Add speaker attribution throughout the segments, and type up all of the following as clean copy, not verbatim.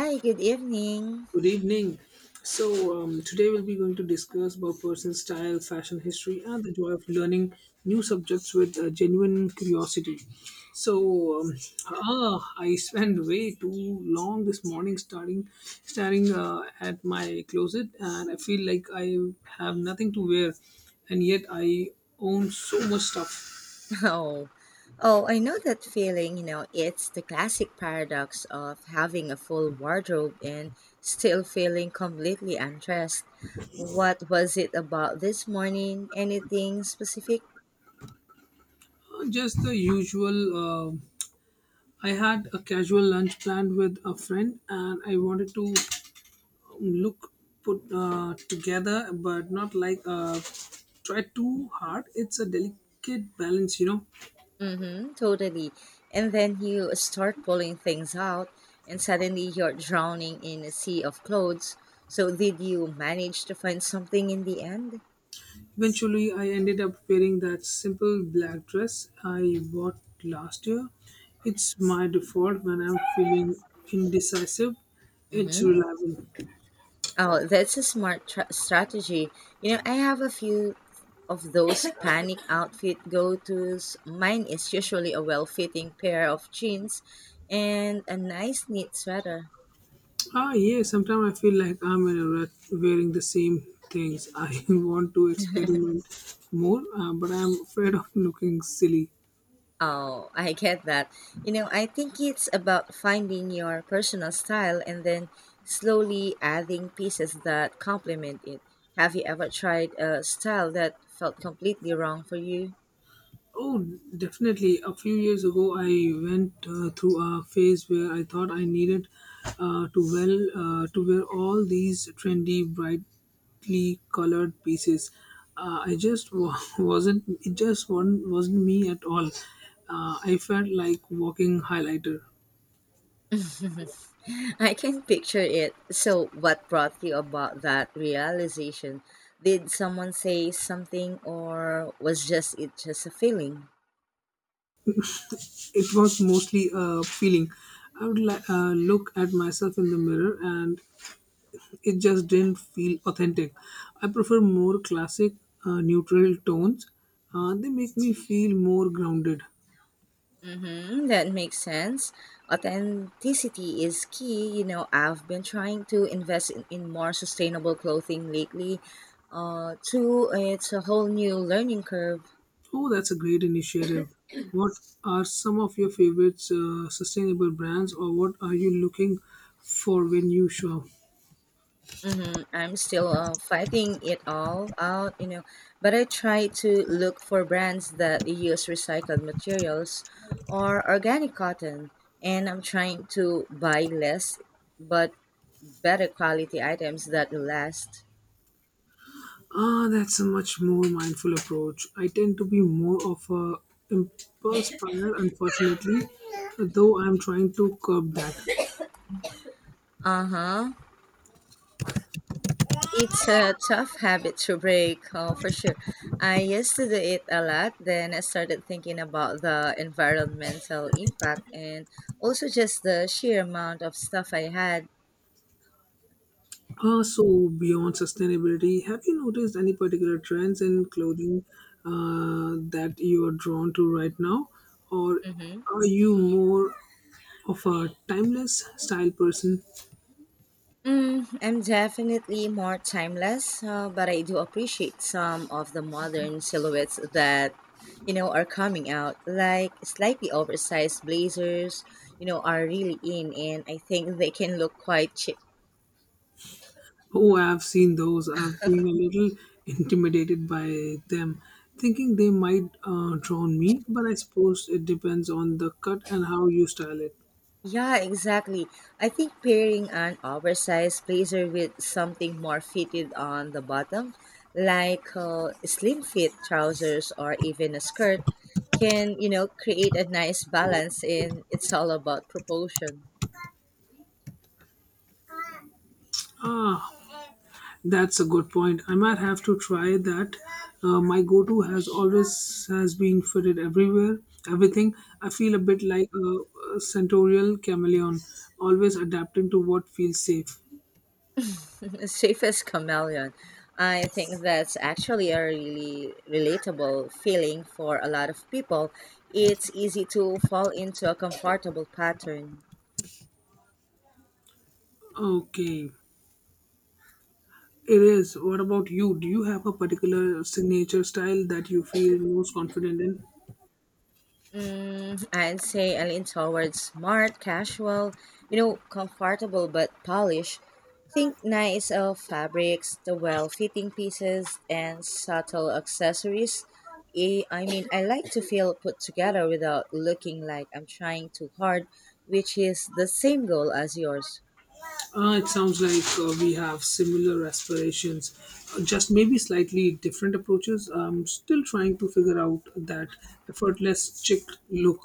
Speaker 1: Hi, good evening.
Speaker 2: Good evening. Today we'll be going to discuss about person style, fashion history, and the joy of learning new subjects with genuine curiosity. So um, I spent way too long this morning starting staring at my closet, and I feel like I have nothing to wear, and yet I own so much stuff.
Speaker 1: Oh, oh, I know that feeling. You know, it's the classic paradox of having a full wardrobe and still feeling completely undressed. What was it about this morning? Anything specific?
Speaker 2: Just the usual. Uh, I had a casual lunch planned with a friend, and I wanted to look put together, but not like, try too hard. It's a delicate balance, you know.
Speaker 1: Mm-hmm, totally. And then you start pulling things out, and suddenly you're drowning in a sea of clothes. So, did you manage to find something in the end?
Speaker 2: Eventually I ended up wearing that simple black dress I bought last year. It's my default when I'm feeling indecisive. It's
Speaker 1: Mm-hmm.
Speaker 2: reliable.
Speaker 1: Oh, that's a smart strategy. You know, I have a few of those panic outfit go tos. Mine is usually a well fitting pair of jeans and a nice knit sweater.
Speaker 2: Ah, yeah, sometimes I feel like I'm in a rut wearing the same things. I want to experiment more, but I'm afraid of looking silly.
Speaker 1: Oh, I get that. You know, I think it's about finding your personal style and then slowly adding pieces that complement it. Have you ever tried a style that felt completely wrong for you?
Speaker 2: Oh, definitely. A few years ago, I went through a phase where I thought I needed uh, to well to wear all these trendy, brightly colored pieces. Wasn't. It just one Wasn't me at all. I felt like walking highlighter.
Speaker 1: I can picture it. So, what brought you about that realization? Did someone say something, or was just it just a feeling?
Speaker 2: It was mostly a feeling. Look at myself in the mirror and it just didn't feel authentic. I prefer more classic, neutral tones. They make me feel more grounded.
Speaker 1: Mm-hmm, that makes sense. Authenticity is key. You know, I've been trying to invest in more sustainable clothing lately. Too, it's a whole new learning curve.
Speaker 2: Oh, that's a great initiative. What are some of your favorite sustainable brands, or what are you looking for when you shop?
Speaker 1: Mm-hmm. I'm still fighting it all out, you know, but I try to look for brands that use recycled materials or organic cotton, and I'm trying to buy less but better quality items that last.
Speaker 2: Ah, that's a much more mindful approach. I tend to be more of a impulse buyer, unfortunately, though I'm trying to curb that.
Speaker 1: Uh huh. It's a tough habit to break, oh, for sure. I used to do it a lot, then I started thinking about the environmental impact and also just the sheer amount of stuff I had.
Speaker 2: So, beyond sustainability, have you noticed any particular trends in clothing that you are drawn to right now? Or
Speaker 1: Mm-hmm.
Speaker 2: are you more of a timeless style person?
Speaker 1: Mm, I'm definitely more timeless, but I do appreciate some of the modern silhouettes that, you know, are coming out. Like slightly oversized blazers, you know, are really in, and I think they can look quite chic.
Speaker 2: Oh, I've seen those. I've been a little intimidated by them, thinking they might drown me, but I suppose it depends on the cut and how you style it.
Speaker 1: Yeah, exactly. I think pairing an oversized blazer with something more fitted on the bottom, like slim fit trousers or even a skirt, can, you know, create a nice balance in it's all about proportion.
Speaker 2: Ah, that's a good point. I might have to try that. My go-to has always has been fitted everywhere, everything. I feel a bit like a centaurial chameleon, always adapting to what feels safe.
Speaker 1: Safest chameleon. I think that's actually a really relatable feeling for a lot of people. It's easy to fall into a comfortable pattern.
Speaker 2: Okay, it is. What about you? Do you have a particular signature style that you feel most confident in?
Speaker 1: Mm, I'd say I lean towards smart, casual, you know, comfortable but polished. Think nice of fabrics, the well fitting pieces, and subtle accessories. I mean, I like to feel put together without looking like I'm trying too hard, which is the same goal as yours.
Speaker 2: It sounds like we have similar aspirations, just maybe slightly different approaches. I'm still trying to figure out that effortless chick look.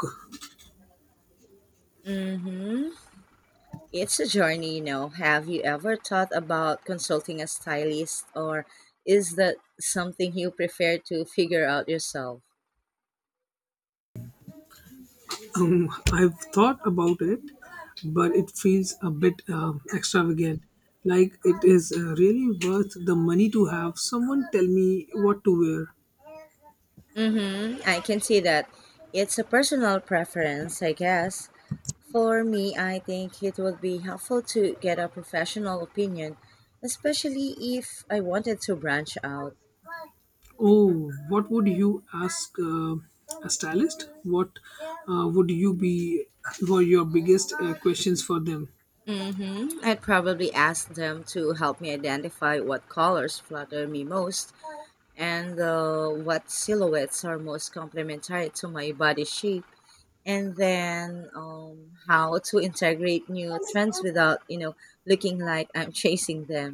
Speaker 1: Mm-hmm. It's a journey, you know. Have you ever thought about consulting a stylist, or is that something you prefer to figure out yourself?
Speaker 2: I've thought about it, but it feels a bit extravagant. Like, it is really worth the money to have someone tell me what to wear.
Speaker 1: Mm-hmm. I can see that. It's a personal preference, I guess. For me, I think it would be helpful to get a professional opinion, especially if I wanted to branch out.
Speaker 2: Oh, what would you ask a stylist? What would you be were your biggest questions for them?
Speaker 1: Mm-hmm. I'd probably ask them to help me identify what colors flatter me most and what silhouettes are most complementary to my body shape. And then how to integrate new trends without looking like I'm chasing them.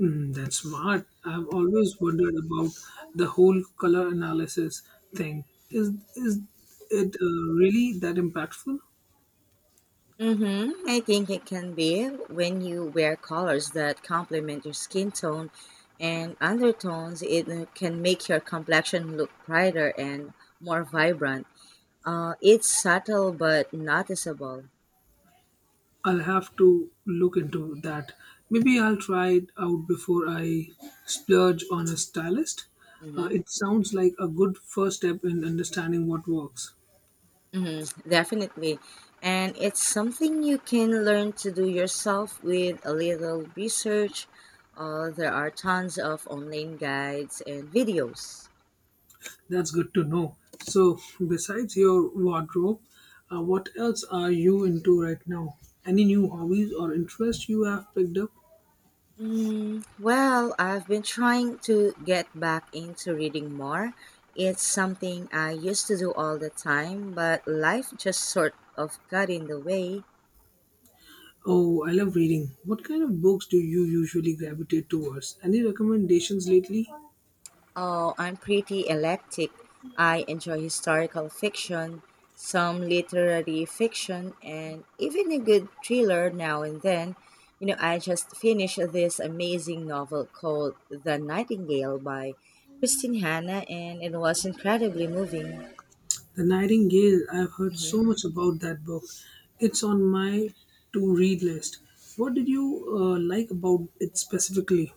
Speaker 2: Mm, that's smart. I've always wondered about the whole color analysis thing. Is is it really that impactful?
Speaker 1: Mm-hmm. I think it can be, when you wear colors that complement your skin tone and undertones, it can make your complexion look brighter and more vibrant. It's subtle but noticeable.
Speaker 2: I'll have to look into that. Maybe I'll try it out before I splurge on a stylist.
Speaker 1: Mhm.
Speaker 2: It sounds like a good first step in understanding what works.
Speaker 1: hmm Definitely. And it's something you can learn to do yourself with a little research. There are tons of online guides and videos.
Speaker 2: That's good to know. So, besides your wardrobe, what else are you into right now? Any new hobbies or interests you have picked up?
Speaker 1: Mm, well, I've been trying to get back into reading more. It's something I used to do all the time, but life just sort of got in the way.
Speaker 2: Oh, I love reading. What kind of books do you usually gravitate towards? Any recommendations lately?
Speaker 1: Oh, I'm pretty eclectic. I enjoy historical fiction, some literary fiction, and even a good thriller now and then. You know, I just finished this amazing novel called The Nightingale by Christine Hanna, and it was incredibly moving.
Speaker 2: The Nightingale, I've heard so
Speaker 1: Mhm.
Speaker 2: much about that book. It's on my to read list. What did you like about it specifically?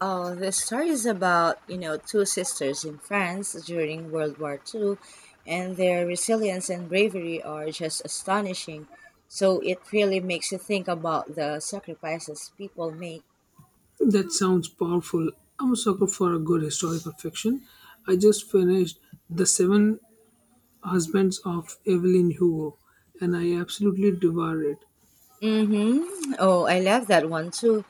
Speaker 1: Oh, the story is about, you know, two sisters in France during World War II, and their resilience and bravery are just astonishing. So it really makes you think about the sacrifices people make.
Speaker 2: That sounds powerful. I'm a sucker for a good historical fiction. I just finished The Seven Husbands of Evelyn Hugo, and I absolutely devoured it.
Speaker 1: Mm-hmm. Oh, I love that one too.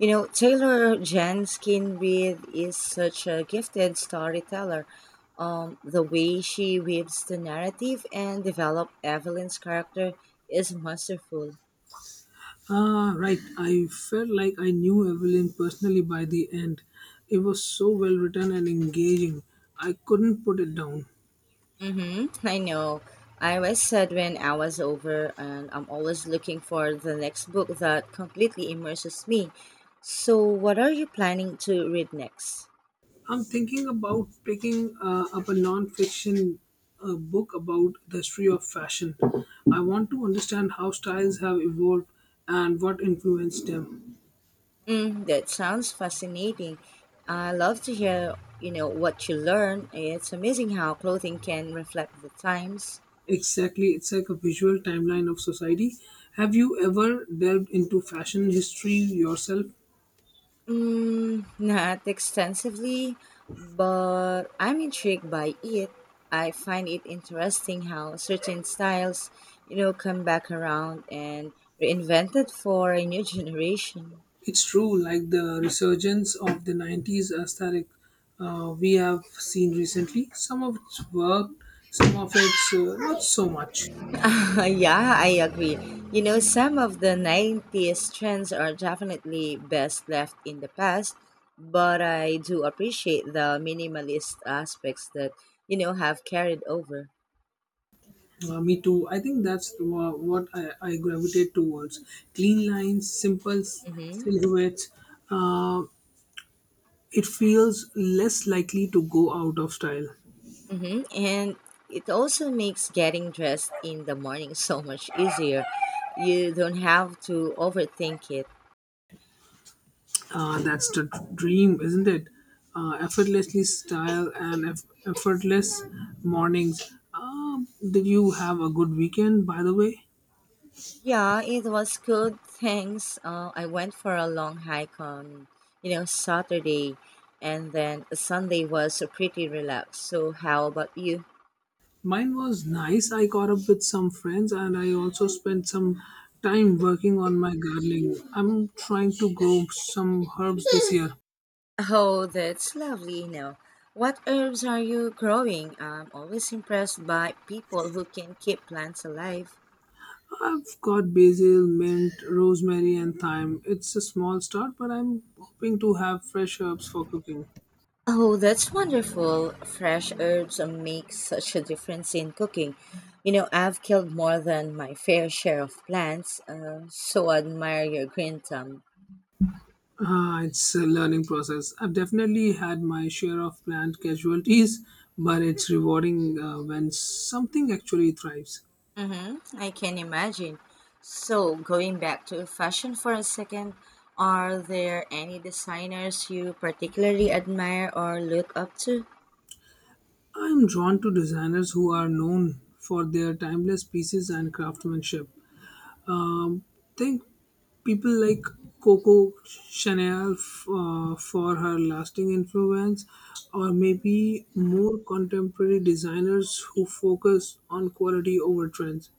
Speaker 1: You know, Taylor Jenkins Reid is such a gifted storyteller. The way she weaves the narrative and develop Evelyn's character is masterful.
Speaker 2: Ah, right. I felt like I knew Evelyn personally by the end. It was so well written and engaging. I couldn't put it down.
Speaker 1: Mm-hmm. I know. I always said when I was over, and I'm always looking for the next book that completely immerses me. So, what are you planning to read next?
Speaker 2: I'm thinking about picking up a non fiction book about the history of fashion. I want to understand how styles have evolved and what influenced them.
Speaker 1: Mm, that sounds fascinating. I love to hear, you know, what you learn. It's amazing how clothing can reflect the times.
Speaker 2: Exactly, it's like a visual timeline of society. Have you ever delved into fashion history yourself?
Speaker 1: Mm, not extensively, but I'm intrigued by it. I find it interesting how certain styles, you know, come back around and reinvented for a new generation.
Speaker 2: It's true, like the resurgence of the 90s aesthetic we have seen recently. Some of it's worked, some of it's not so much.
Speaker 1: Yeah, I agree. You know, some of the 90s trends are definitely best left in the past, but I do appreciate the minimalist aspects that, you know, have carried over.
Speaker 2: Me too. I think that's what I gravitate towards. Clean lines, simple
Speaker 1: Mhm.
Speaker 2: silhouettes. Uh, it feels less likely to go out of style.
Speaker 1: And it also makes getting dressed in the morning so much easier. You don't have to overthink it.
Speaker 2: That's the dream, isn't it? Effortlessly style and effortless mornings. Did you have a good weekend, by the way?
Speaker 1: Yeah, it was good. Thanks. I went for a long hike on, you know, Saturday, and then Sunday was pretty relaxed. So, how about you?
Speaker 2: Mine was nice. I caught up with some friends and I also spent some time working on my gardening. I'm trying to grow some herbs this year.
Speaker 1: Oh, that's lovely. You know, what herbs are you growing? I'm always impressed by people who can keep plants alive.
Speaker 2: I've got basil, mint, rosemary, and thyme. It's a small start, but I'm hoping to have fresh herbs for cooking.
Speaker 1: Oh, that's wonderful. Fresh herbs make such a difference in cooking. You know, I've killed more than my fair share of plants, so admire your green thumb.
Speaker 2: Ah, it's a learning process. I've definitely had my share of planned casualties, but it's rewarding when something actually thrives.
Speaker 1: Mm-hmm, I can imagine. So, going back to fashion for a second, are there any designers you particularly admire or look up to?
Speaker 2: I'm drawn to designers who are known for their timeless pieces and craftsmanship. Think people like Coco Chanel, for her lasting influence, or maybe more contemporary designers who focus on quality over trends.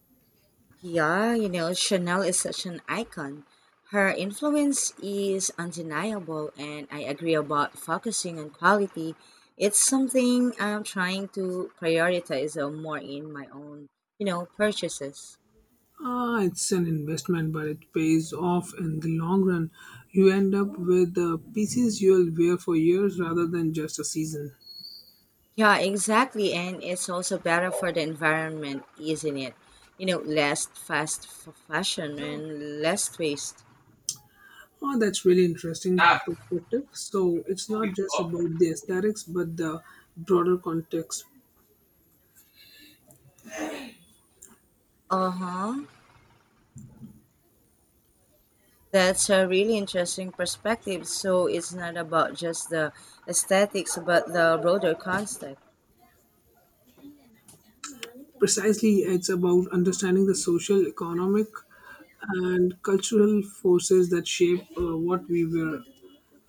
Speaker 1: Yeah, you know, Chanel is such an icon. Her influence is undeniable, and I agree about focusing on quality. It's something I'm trying to prioritize more in my own, you know, purchases.
Speaker 2: Ah, it's an investment, but it pays off in the long run. You end up with the pieces you'll wear for years rather than just a season.
Speaker 1: Yeah, exactly. And it's also better for the environment, isn't it? You know, less fast fashion and less waste.
Speaker 2: Oh, that's really interesting
Speaker 1: Ah,
Speaker 2: perspective. So it's
Speaker 1: two
Speaker 2: not
Speaker 1: weeks
Speaker 2: just
Speaker 1: ago.
Speaker 2: about the aesthetics, but the broader context.
Speaker 1: Uh huh. That's a really interesting perspective. So it's not about just the aesthetics, but the broader concept.
Speaker 2: Precisely, it's about understanding the social, economic, and cultural forces that shape what we wear.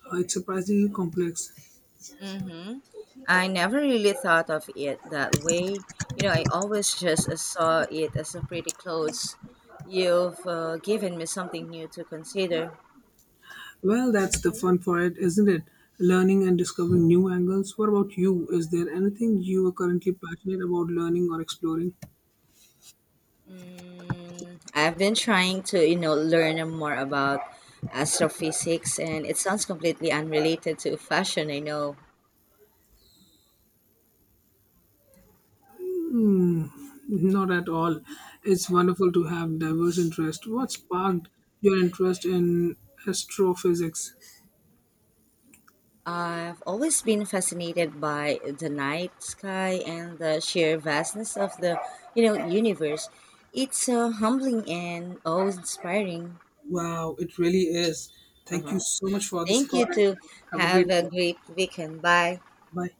Speaker 2: It's surprisingly complex.
Speaker 1: hmm I never really thought of it that way. You know, I always just saw it as a pretty clothes. You've given me something new to consider.
Speaker 2: Well, that's the fun part, isn't it? Learning and discovering new angles. What about you? Is there anything you are currently passionate about learning or exploring?
Speaker 1: Mm, I've been trying to, you know, learn more about astrophysics, and it sounds completely unrelated to fashion. I know.
Speaker 2: Not at all. It's wonderful to have diverse interests. What sparked your interest in astrophysics?
Speaker 1: I've always been fascinated by the night sky and the sheer vastness of the, you know, universe. It's humbling and awe-inspiring.
Speaker 2: Wow, it really is. Thank you
Speaker 1: Uh-huh.
Speaker 2: so much for this
Speaker 1: Thank
Speaker 2: call
Speaker 1: you
Speaker 2: and
Speaker 1: to
Speaker 2: have a
Speaker 1: have
Speaker 2: great
Speaker 1: a
Speaker 2: day.
Speaker 1: great weekend. Bye.
Speaker 2: Bye.